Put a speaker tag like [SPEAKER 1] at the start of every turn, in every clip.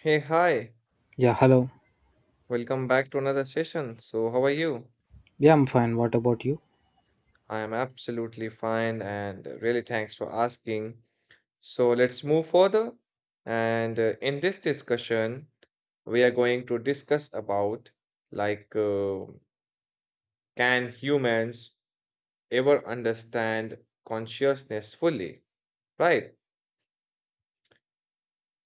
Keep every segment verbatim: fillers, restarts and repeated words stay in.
[SPEAKER 1] Hey, hi.
[SPEAKER 2] Yeah, hello.
[SPEAKER 1] Welcome back to another session. So, how are you?
[SPEAKER 2] Yeah, I'm fine. What about you?
[SPEAKER 1] I am absolutely fine and uh, really thanks for asking. So, let's move further. And uh, In this discussion, we are going to discuss about like uh, can humans ever understand consciousness fully, right?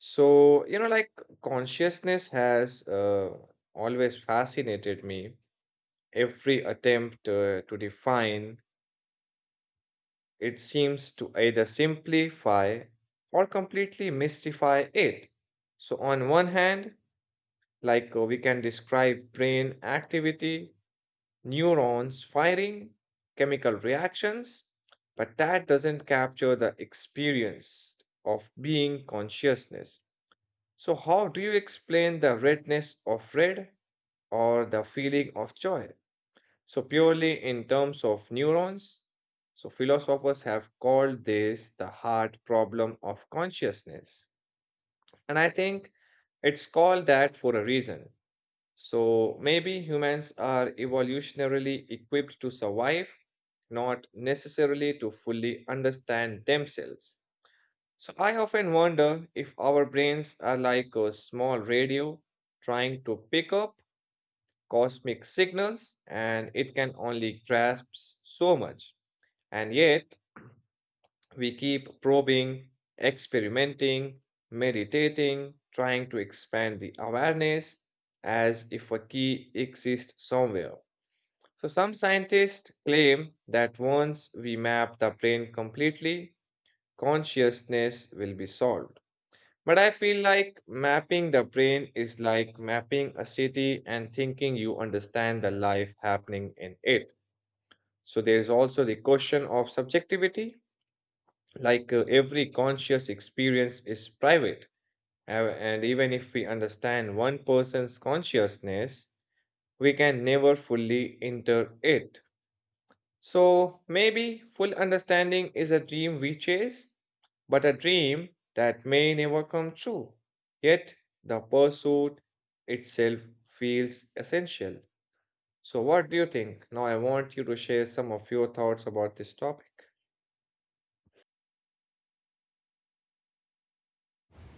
[SPEAKER 1] So, you know, like consciousness has uh, always fascinated me. Every attempt uh, to define it seems to either simplify or completely mystify it. So, on one hand, like uh, we can describe brain activity, neurons firing, chemical reactions, but that doesn't capture the experience of being consciousness. So, how do you explain the redness of red or the feeling of joy? So, purely in terms of neurons, so philosophers have called this the hard problem of consciousness. And I think it's called that for a reason. So, maybe humans are evolutionarily equipped to survive, not necessarily to fully understand themselves. So, I often wonder if our brains are like a small radio trying to pick up cosmic signals and it can only grasp so much. And yet, we keep probing, experimenting, meditating, trying to expand the awareness as if a key exists somewhere. So, some scientists claim that once we map the brain completely, consciousness will be solved. But I feel like mapping the brain is like mapping a city and thinking you understand the life happening in it. So there's also the question of subjectivity, like uh, every conscious experience is private. Uh, And even if we understand one person's consciousness, we can never fully enter it. So maybe full understanding is a dream we chase, but a dream that may never come true. Yet the pursuit itself feels essential. So, what do you think? Now, I want you to share some of your thoughts about this topic.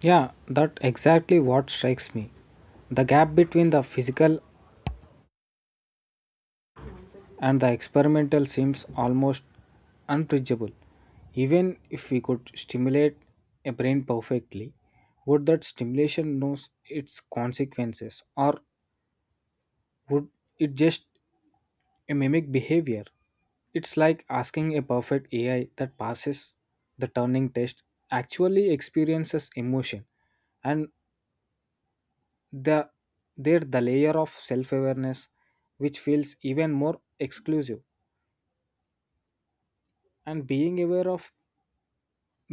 [SPEAKER 2] Yeah, that exactly what strikes me. The gap between the physical and the experimental seems almost unbridgeable. Even if we could stimulate a brain perfectly, would that stimulation know its consequences or would it just mimic behavior? It's like asking a perfect A I that passes the Turing test actually experiences emotion and the there the layer of self-awareness which feels even more exclusive and being aware of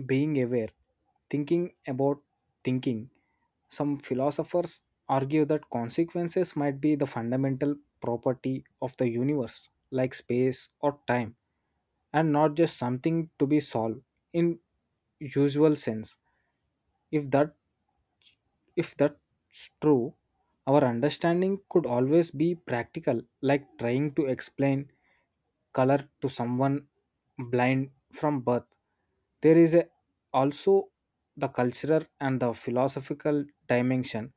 [SPEAKER 2] being aware thinking about thinking. Some philosophers argue that consequences might be the fundamental property of the universe like space or time, and not just something to be solved in usual sense. if that If that's true, our understanding could always be practical, like trying to explain color to someone blind from birth. There is a, also the cultural and the philosophical dimension.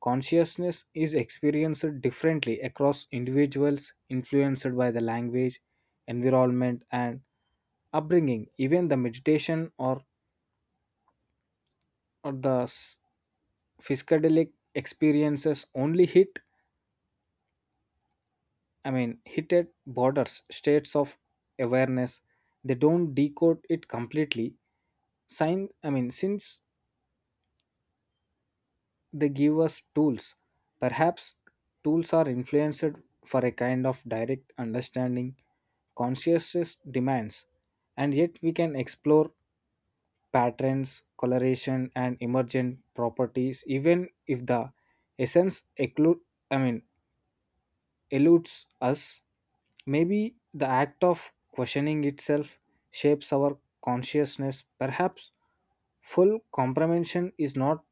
[SPEAKER 2] Consciousness is experienced differently across individuals, influenced by the language, environment, and upbringing. Even the meditation or, or the s- psychedelic experiences only hit i mean hit at borders states of awareness. They don't decode it completely. Sign I mean Since they give us tools, perhaps tools are influenced for a kind of direct understanding consciousness demands, and yet we can explore patterns coloration and emergent properties even if the essence occlude I mean eludes us. Maybe the act of questioning itself shapes our consciousness. Perhaps full comprehension is not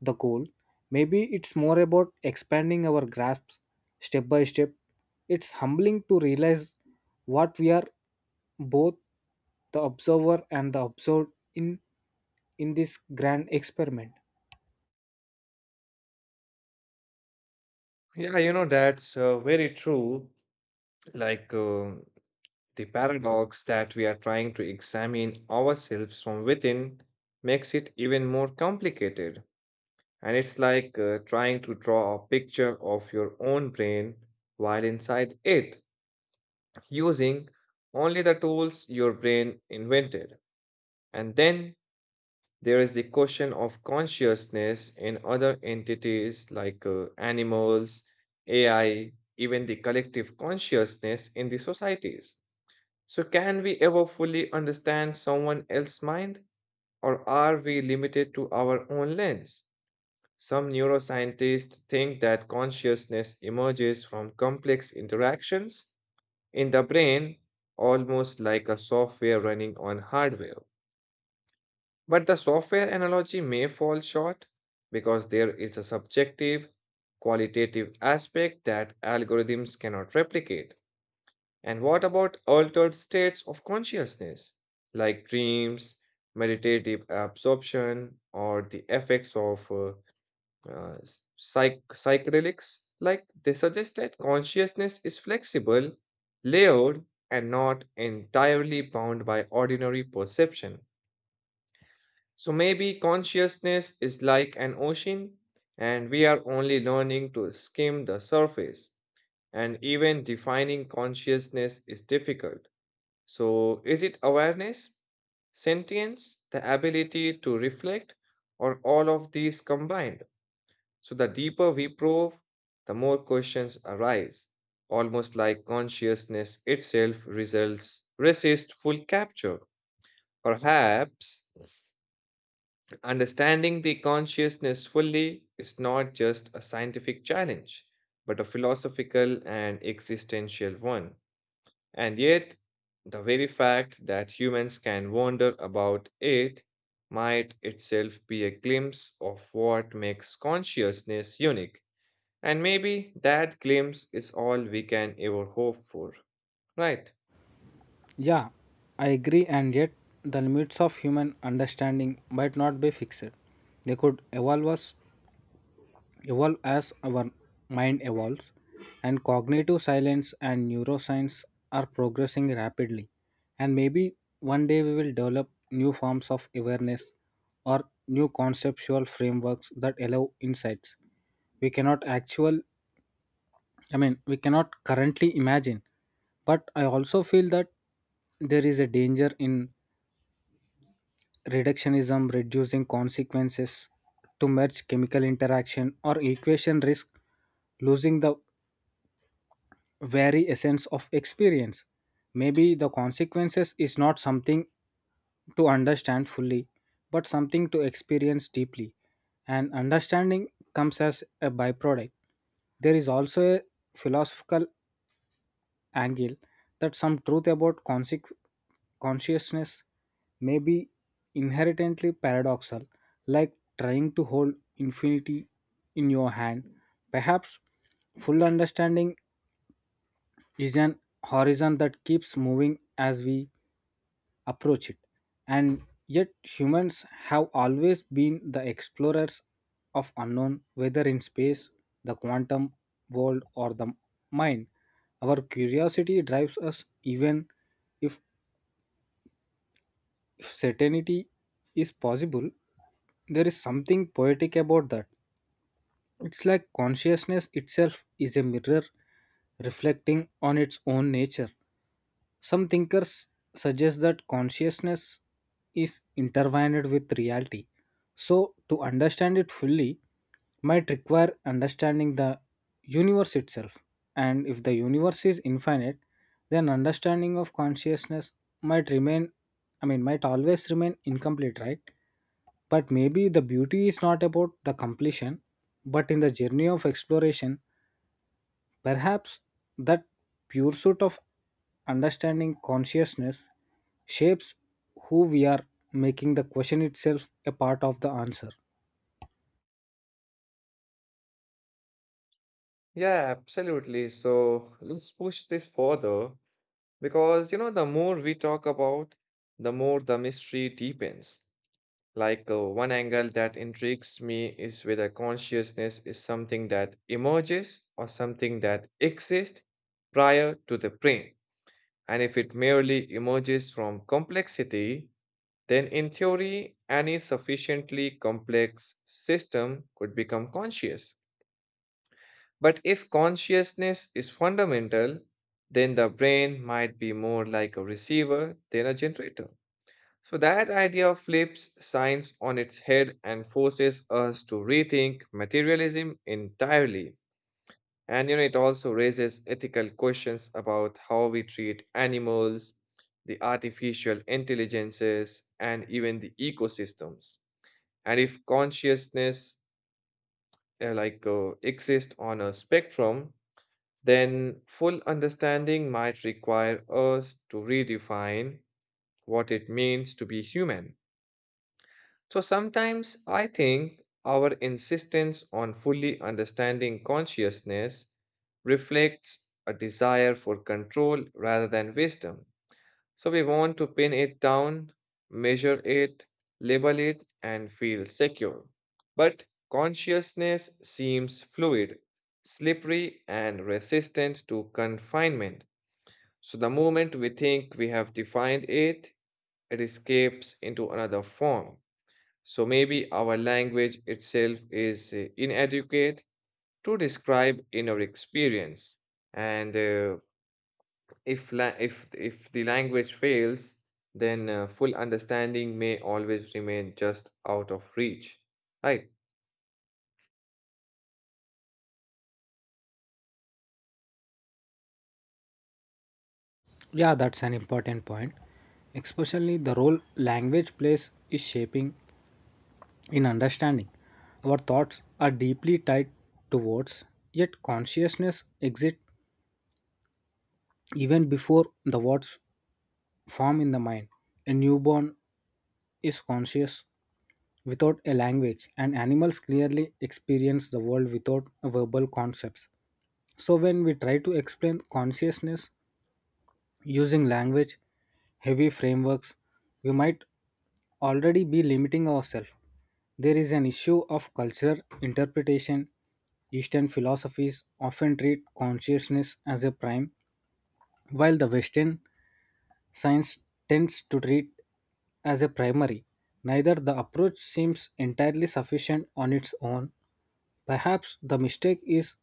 [SPEAKER 2] the goal. Maybe it's more about expanding our grasps step by step. It's humbling to realize what we are both the observer and the observed in in this grand experiment.
[SPEAKER 1] Yeah, you know, that's uh, very true. Like uh, the paradox that we are trying to examine ourselves from within makes it even more complicated. And it's like uh, trying to draw a picture of your own brain while inside it, using only the tools your brain invented. And then there is the question of consciousness in other entities like uh, animals, A I, even the collective consciousness in the societies. So, can we ever fully understand someone else's mind, or are we limited to our own lens? Some neuroscientists think that consciousness emerges from complex interactions in the brain, almost like a software running on hardware. But the software analogy may fall short because there is a subjective, qualitative aspect that algorithms cannot replicate. And what about altered states of consciousness, like dreams, meditative absorption, or the effects of uh, uh, psych- psychedelics, like they suggest that consciousness is flexible, layered, and not entirely bound by ordinary perception. So maybe consciousness is like an ocean, and we are only learning to skim the surface. And even defining consciousness is difficult. So, is it awareness, sentience, the ability to reflect, or all of these combined? So the deeper we probe, the more questions arise, almost like consciousness itself results resist full capture. Perhaps understanding the consciousness fully is not just a scientific challenge, but a philosophical and existential one. And yet, the very fact that humans can wonder about it might itself be a glimpse of what makes consciousness unique, and maybe that glimpse is all we can ever hope for, right?
[SPEAKER 2] Yeah, I agree, and yet the limits of human understanding might not be fixed. They could evolve us evolve as our mind evolves, and cognitive science and neuroscience are progressing rapidly. And maybe one day we will develop new forms of awareness or new conceptual frameworks that allow insights we cannot actual I mean we cannot currently imagine. But I also feel that there is a danger in reductionism. Reducing consequences to merge chemical interaction or equation risk losing the very essence of experience. Maybe the consequences is not something to understand fully but something to experience deeply, and understanding comes as a byproduct. There is also a philosophical angle that some truth about conseq- consciousness may be inherently paradoxal, like trying to hold infinity in your hand. Perhaps full understanding is an horizon that keeps moving as we approach it. And yet, humans have always been the explorers of unknown, whether in space, the quantum world, or the mind. Our curiosity drives us, even if certainty is possible. There is something poetic about that. It's like consciousness itself is a mirror reflecting on its own nature. Some thinkers suggest that consciousness is intertwined with reality. So, to understand it fully might require understanding the universe itself. And if the universe is infinite, then understanding of consciousness might remain, I mean, might always remain incomplete, right? But maybe the beauty is not about the completion, but in the journey of exploration. Perhaps that pursuit of understanding consciousness shapes who we are, making the question itself a part of the answer.
[SPEAKER 1] Yeah, absolutely. So let's push this further because, you know, the more we talk about, the more the mystery deepens. Like uh, one angle that intrigues me is whether consciousness is something that emerges or something that exists prior to the brain. And if it merely emerges from complexity, then, in theory, any sufficiently complex system could become conscious. But if consciousness is fundamental, then the brain might be more like a receiver than a generator. So, that idea flips science on its head and forces us to rethink materialism entirely. And you know, it also raises ethical questions about how we treat animals, the artificial intelligences, and even the ecosystems. And if consciousness uh, like uh, exists on a spectrum, then full understanding might require us to redefine what it means to be human. So sometimes I think our insistence on fully understanding consciousness reflects a desire for control rather than wisdom. So we want to pin it down, measure it, label it, and feel secure. But consciousness seems fluid, slippery, and resistant to confinement. So the moment we think we have defined it, it escapes into another form. So maybe our language itself is uh, inadequate to describe inner experience. And uh, if la if if the language fails, then uh, full understanding may always remain just out of reach, right?
[SPEAKER 2] Yeah, that's an important point. Especially the role language plays is shaping in understanding. Our thoughts are deeply tied to words, yet consciousness exists even before the words form in the mind. A newborn is conscious without a language, and animals clearly experience the world without verbal concepts. So, when we try to explain consciousness using language, heavy frameworks, we might already be limiting ourselves. There is an issue of culture interpretation. Eastern philosophies often treat consciousness as a prime, while the Western science tends to treat as a primary. Neither the approach seems entirely sufficient on its own. Perhaps the mistake is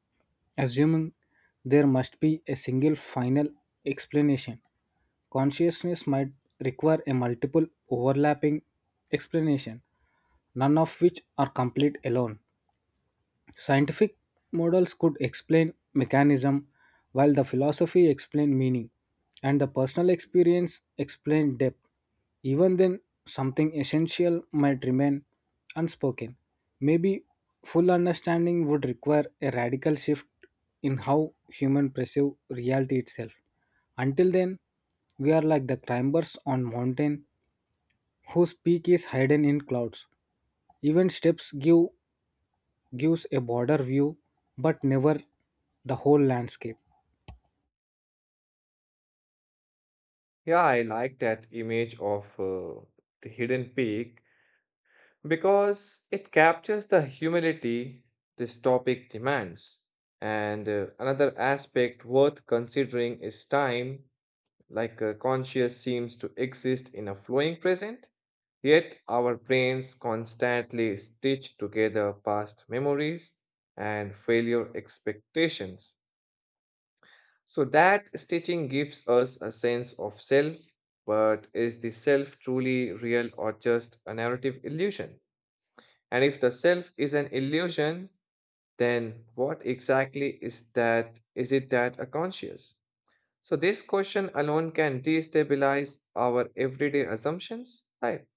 [SPEAKER 2] assuming there must be a single final explanation. Consciousness might require a multiple overlapping explanation, none of which are complete alone. Scientific models could explain mechanism, while the philosophy explained meaning, and the personal experience explained depth. Even then, something essential might remain unspoken. Maybe full understanding would require a radical shift in how human perceive reality itself. Until then, we are like the climbers on mountain whose peak is hidden in clouds. Even steps give gives a border view but never the whole landscape.
[SPEAKER 1] Yeah, I like that image of uh, the hidden peak because it captures the humility this topic demands. And uh, Another aspect worth considering is time, like uh, conscious seems to exist in a flowing present. Yet our brains constantly stitch together past memories and failure expectations. So that stitching gives us a sense of self, but is the self truly real or just a narrative illusion? And if the self is an illusion, then what exactly is that? Is it that a conscious? So this question alone can destabilize our everyday assumptions, right?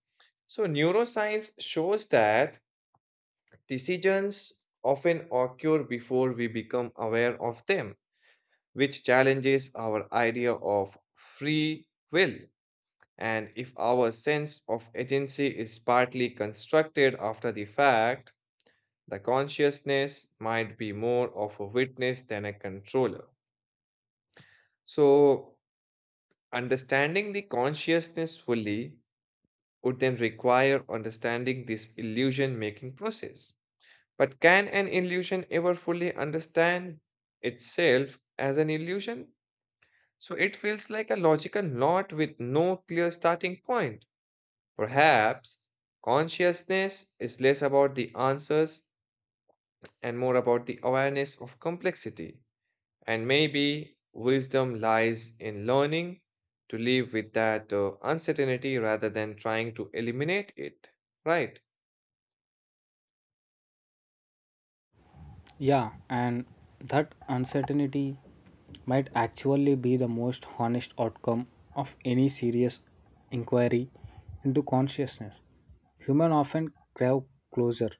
[SPEAKER 1] So neuroscience shows that decisions often occur before we become aware of them, which challenges our idea of free will. And if our sense of agency is partly constructed after the fact, the consciousness might be more of a witness than a controller. So, understanding the consciousness fully would then require understanding this illusion making process. But can an illusion ever fully understand itself as an illusion? So it feels like a logical knot with no clear starting point. Perhaps consciousness is less about the answers and more about the awareness of complexity. And maybe wisdom lies in learning to live with that uh, uncertainty rather than trying to eliminate it, right?
[SPEAKER 2] Yeah, and that uncertainty might actually be the most honest outcome of any serious inquiry into consciousness. Humans often crave closure,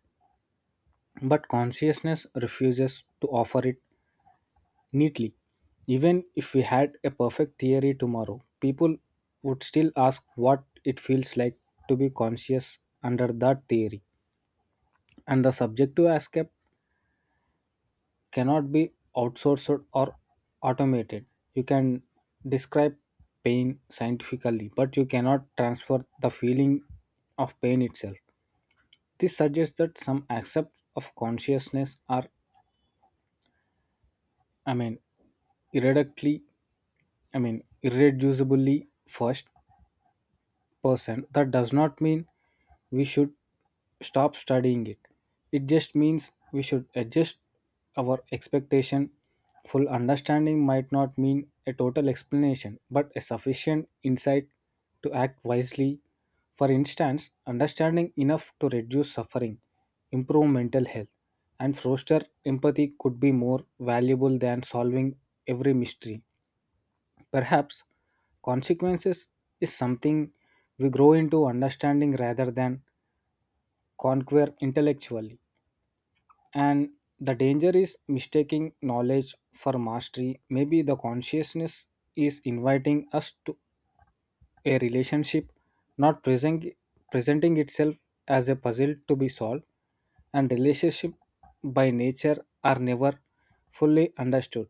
[SPEAKER 2] but consciousness refuses to offer it neatly. Even if we had a perfect theory tomorrow, people would still ask what it feels like to be conscious under that theory, and the subjective escape cannot be outsourced or automated. You can describe pain scientifically, but you cannot transfer the feeling of pain itself. This suggests that some aspects of consciousness are, I mean, irreductibly, I mean, irreducibly first percent. That does not mean we should stop studying it, it just means we should adjust our expectation. Full understanding might not mean a total explanation but a sufficient insight to act wisely. For instance, understanding enough to reduce suffering, improve mental health, and foster empathy could be more valuable than solving every mystery. Perhaps consequences is something we grow into understanding rather than conquer intellectually. And the danger is mistaking knowledge for mastery. Maybe the consciousness is inviting us to a relationship, not present, presenting itself as a puzzle to be solved. And relationship by nature are never fully understood,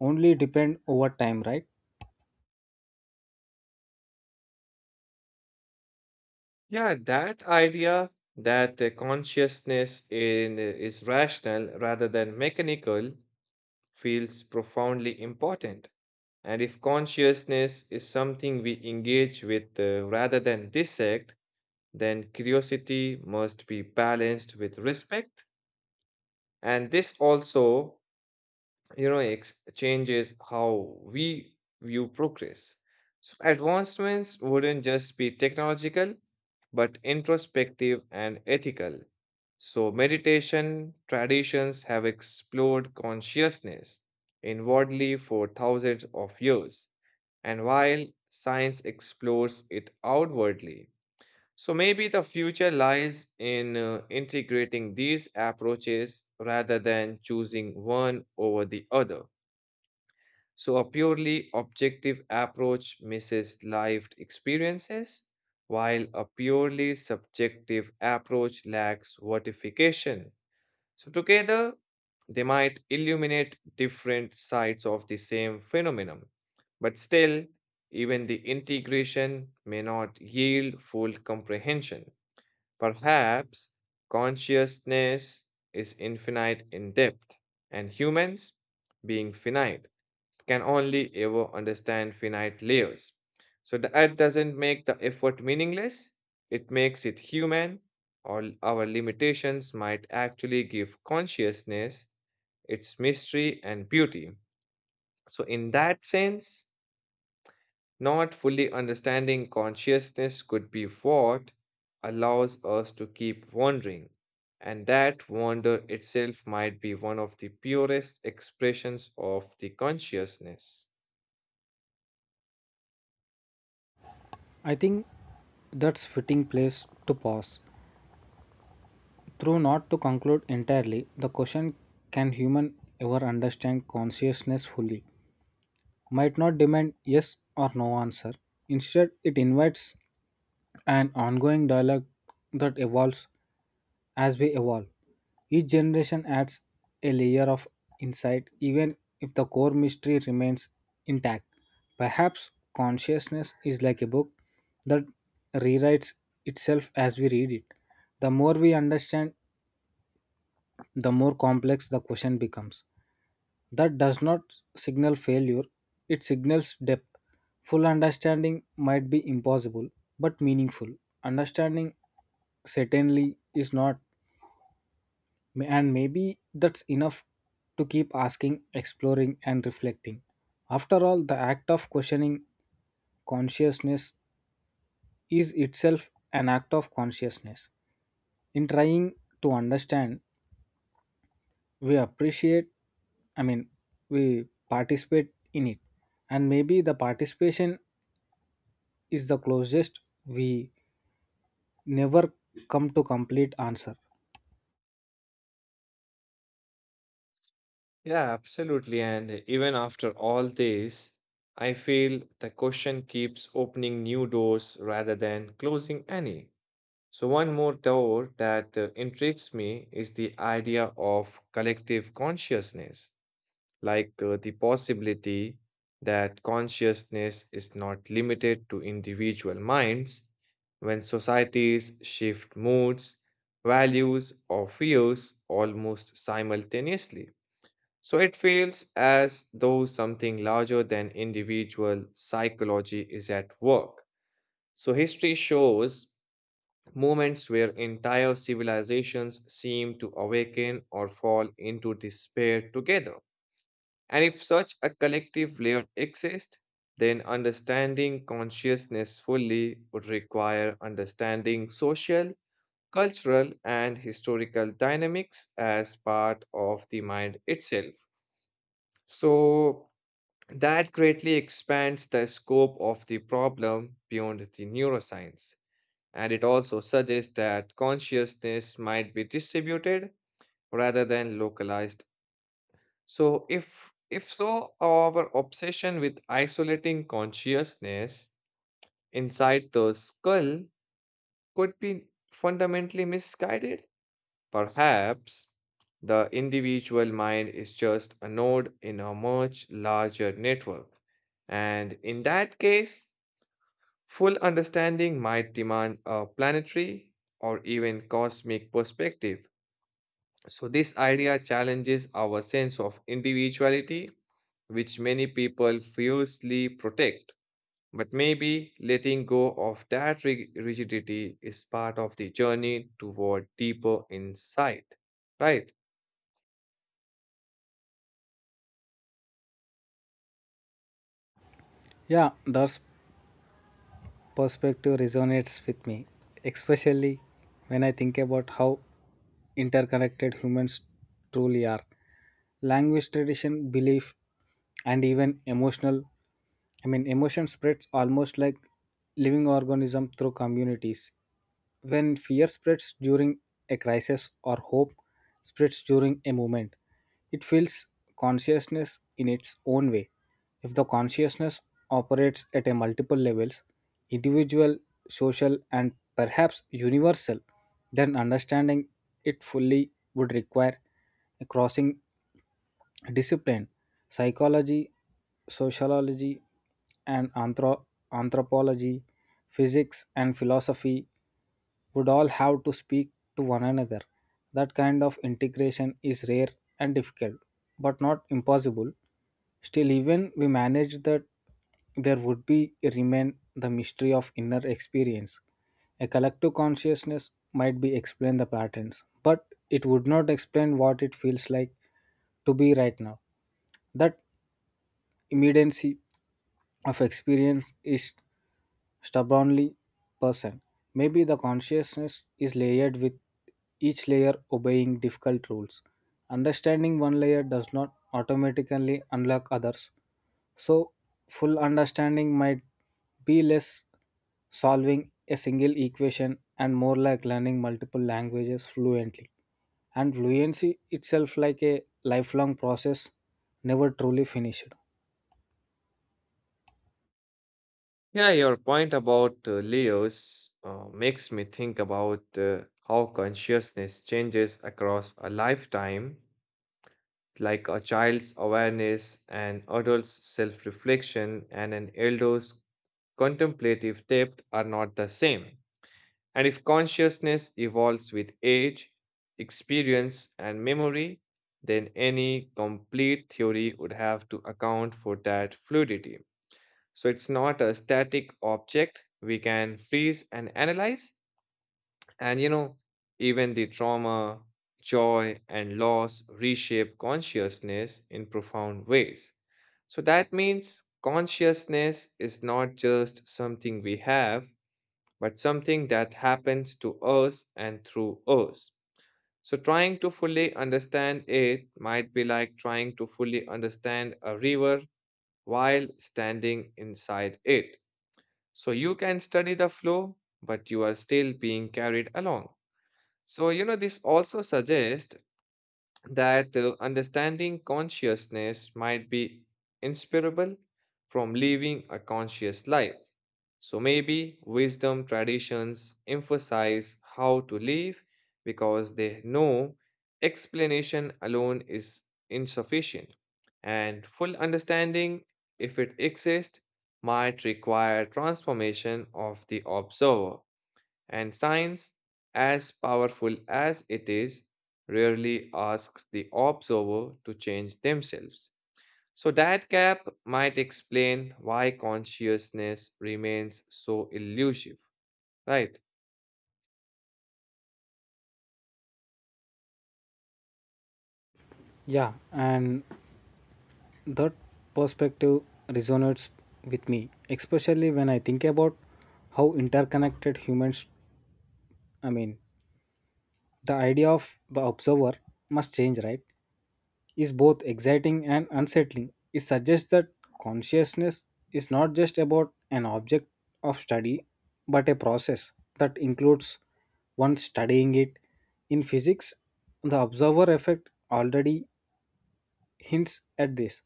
[SPEAKER 2] only depend over time, right?
[SPEAKER 1] Yeah, that idea that uh, consciousness in, is rational rather than mechanical feels profoundly important. And if consciousness is something we engage with uh, rather than dissect, then curiosity must be balanced with respect. And this also, you know ex- changes how we view progress, so advancements wouldn't just be technological but introspective and ethical. So meditation traditions have explored consciousness inwardly for thousands of years, and while science explores it outwardly, so maybe the future lies in uh, integrating these approaches rather than choosing one over the other. So a purely objective approach misses lived experiences, while a purely subjective approach lacks vertification. So together, they might illuminate different sides of the same phenomenon, but still, even the integration may not yield full comprehension. Perhaps consciousness is infinite in depth, and humans, being finite, can only ever understand finite layers. So that doesn't make the effort meaningless, it makes it human, or l- our limitations might actually give consciousness its mystery and beauty. So, in that sense, not fully understanding consciousness could be what allows us to keep wandering, and that wonder itself might be one of the purest expressions of the consciousness.
[SPEAKER 2] I think that's fitting place to pause. Through not to conclude entirely, the question, can human ever understand consciousness fully, might not demand yes or no answer. Instead, it invites an ongoing dialogue that evolves as we evolve. Each generation adds a layer of insight, even if the core mystery remains intact. Perhaps consciousness is like a book that rewrites itself as we read it. The more we understand, the more complex the question becomes. That does not signal failure, it signals depth. Full understanding might be impossible, but meaningful understanding certainly is not. May- And maybe that's enough to keep asking, exploring, and reflecting. After all, the act of questioning consciousness is itself an act of consciousness. In trying to understand, we appreciate, I mean, we participate in it. And maybe the participation is the closest we never come to complete answer.
[SPEAKER 1] Yeah, absolutely. And even after all this, I feel the question keeps opening new doors rather than closing any. So, one more door that uh, intrigues me is the idea of collective consciousness, like uh, the possibility that consciousness is not limited to individual minds. When societies shift moods, values, or fears almost simultaneously. So it feels as though something larger than individual psychology is at work. So history shows moments where entire civilizations seem to awaken or fall into despair together. And if such a collective layer exists, then understanding consciousness fully would require understanding social, cultural, and historical dynamics as part of the mind itself. So, that greatly expands the scope of the problem beyond the neuroscience. And it also suggests that consciousness might be distributed rather than localized, so if if so, our obsession with isolating consciousness inside the skull could be fundamentally misguided. Perhaps the individual mind is just a node in a much larger network. And in that case, full understanding might demand a planetary or even cosmic perspective. So, this idea challenges our sense of individuality, which many people fiercely protect. But maybe letting go of that rig- rigidity is part of the journey toward deeper insight, right?
[SPEAKER 2] Yeah, that's perspective resonates with me, especially when I think about how interconnected humans truly are. Language tradition, belief, and even emotional I mean emotion spreads almost like living organism through communities. When fear spreads during a crisis or hope spreads during a movement, it fills consciousness in its own way. If the consciousness operates at a multiple levels, individual, social, and perhaps universal, then understanding it fully would require a crossing discipline, psychology, sociology, and anthro- anthropology, physics, and philosophy would all have to speak to one another. That kind of integration is rare and difficult, but not impossible. Still, even we manage that, there would be remain the mystery of inner experience. A collective consciousness might be explain the patterns, but it would not explain what it feels like to be right now. That immediacy of experience is stubbornly person. Maybe the consciousness is layered with each layer obeying difficult rules. Understanding one layer does not automatically unlock others. So, full understanding might be less solving a single equation and more like learning multiple languages fluently. And fluency itself, like a lifelong process, never truly finished.
[SPEAKER 1] Yeah, your point about uh, layers uh, makes me think about uh, how consciousness changes across a lifetime, like a child's awareness, an adult's self reflection, and an elder's contemplative depth are not the same. And if consciousness evolves with age, experience, and memory, then any complete theory would have to account for that fluidity. So it's not a static object we can freeze and analyze. And you know, even the trauma, joy, and loss reshape consciousness in profound ways. So that means consciousness is not just something we have but something that happens to us and through us. So, trying to fully understand it might be like trying to fully understand a river while standing inside it. So, you can study the flow, but you are still being carried along. So, you know, this also suggests that uh, understanding consciousness might be inseparable from living a conscious life. So maybe wisdom traditions emphasize how to live because they know explanation alone is insufficient. And full understanding, if it exists, might require transformation of the observer. And science, as powerful as it is, rarely asks the observer to change themselves. So, that gap might explain why consciousness remains so elusive, right?
[SPEAKER 2] Yeah, and That perspective resonates with me, especially when I think about how interconnected humans I mean, the idea of the observer must change, right? Is both exciting and unsettling. It suggests that consciousness is not just about an object of study, but a process that includes one studying it. In physics, the observer effect already hints at this,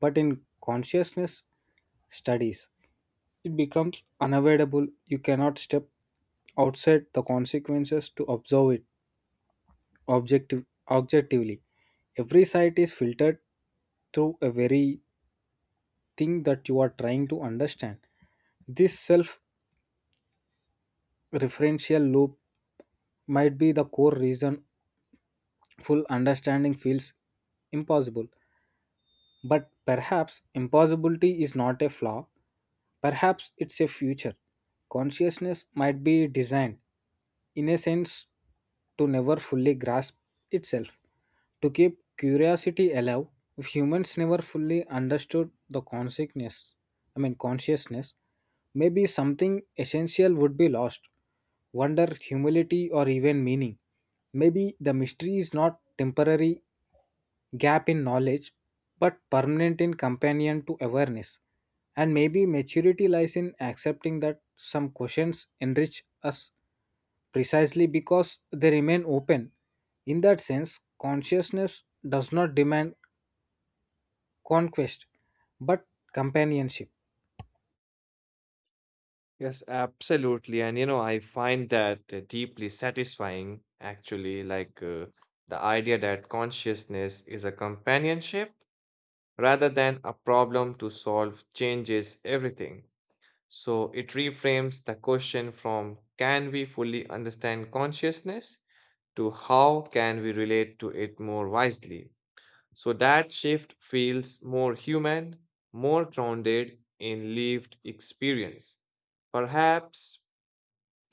[SPEAKER 2] but in consciousness studies, it becomes unavoidable. You cannot step outside the consequences to observe it objective, objectively. Every sight is filtered through a very thing that you are trying to understand. This self referential loop might be the core reason full understanding feels impossible. But perhaps impossibility is not a flaw, perhaps it's a future. Consciousness might be designed, in a sense, to never fully grasp itself. To keep curiosity alive, if humans never fully understood the consciousness, I mean consciousness, maybe something essential would be lost. Wonder, humility, or even meaning. Maybe the mystery is not temporary gap in knowledge, but permanent in companion to awareness. And maybe maturity lies in accepting that some questions enrich us precisely because they remain open. In that sense, consciousness does not demand conquest but companionship.
[SPEAKER 1] Yes, absolutely. And you know, I find that uh, deeply satisfying, actually, like uh, the idea that consciousness is a companionship rather than a problem to solve changes everything. So it reframes the question from can we fully understand consciousness to how can we relate to it more wisely. So that shift feels more human, more grounded in lived experience. Perhaps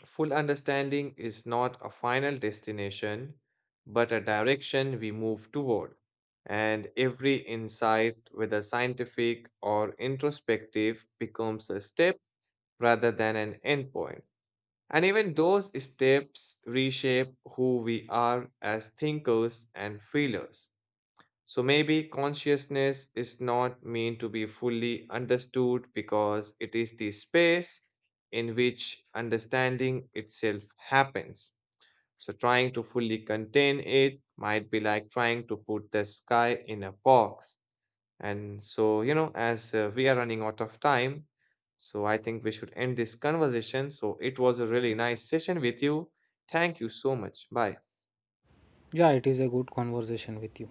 [SPEAKER 1] full understanding is not a final destination, but a direction we move toward. And every insight, whether scientific or introspective, becomes a step rather than an endpoint. And even those steps reshape who we are as thinkers and feelers. So maybe consciousness is not meant to be fully understood because it is the space in which understanding itself happens. So trying to fully contain it might be like trying to put the sky in a box. And so, you know, as uh, we are running out of time, so I think we should end this conversation. So it was a really nice session with you. Thank you so much. Bye.
[SPEAKER 2] Yeah, it is a good conversation with you.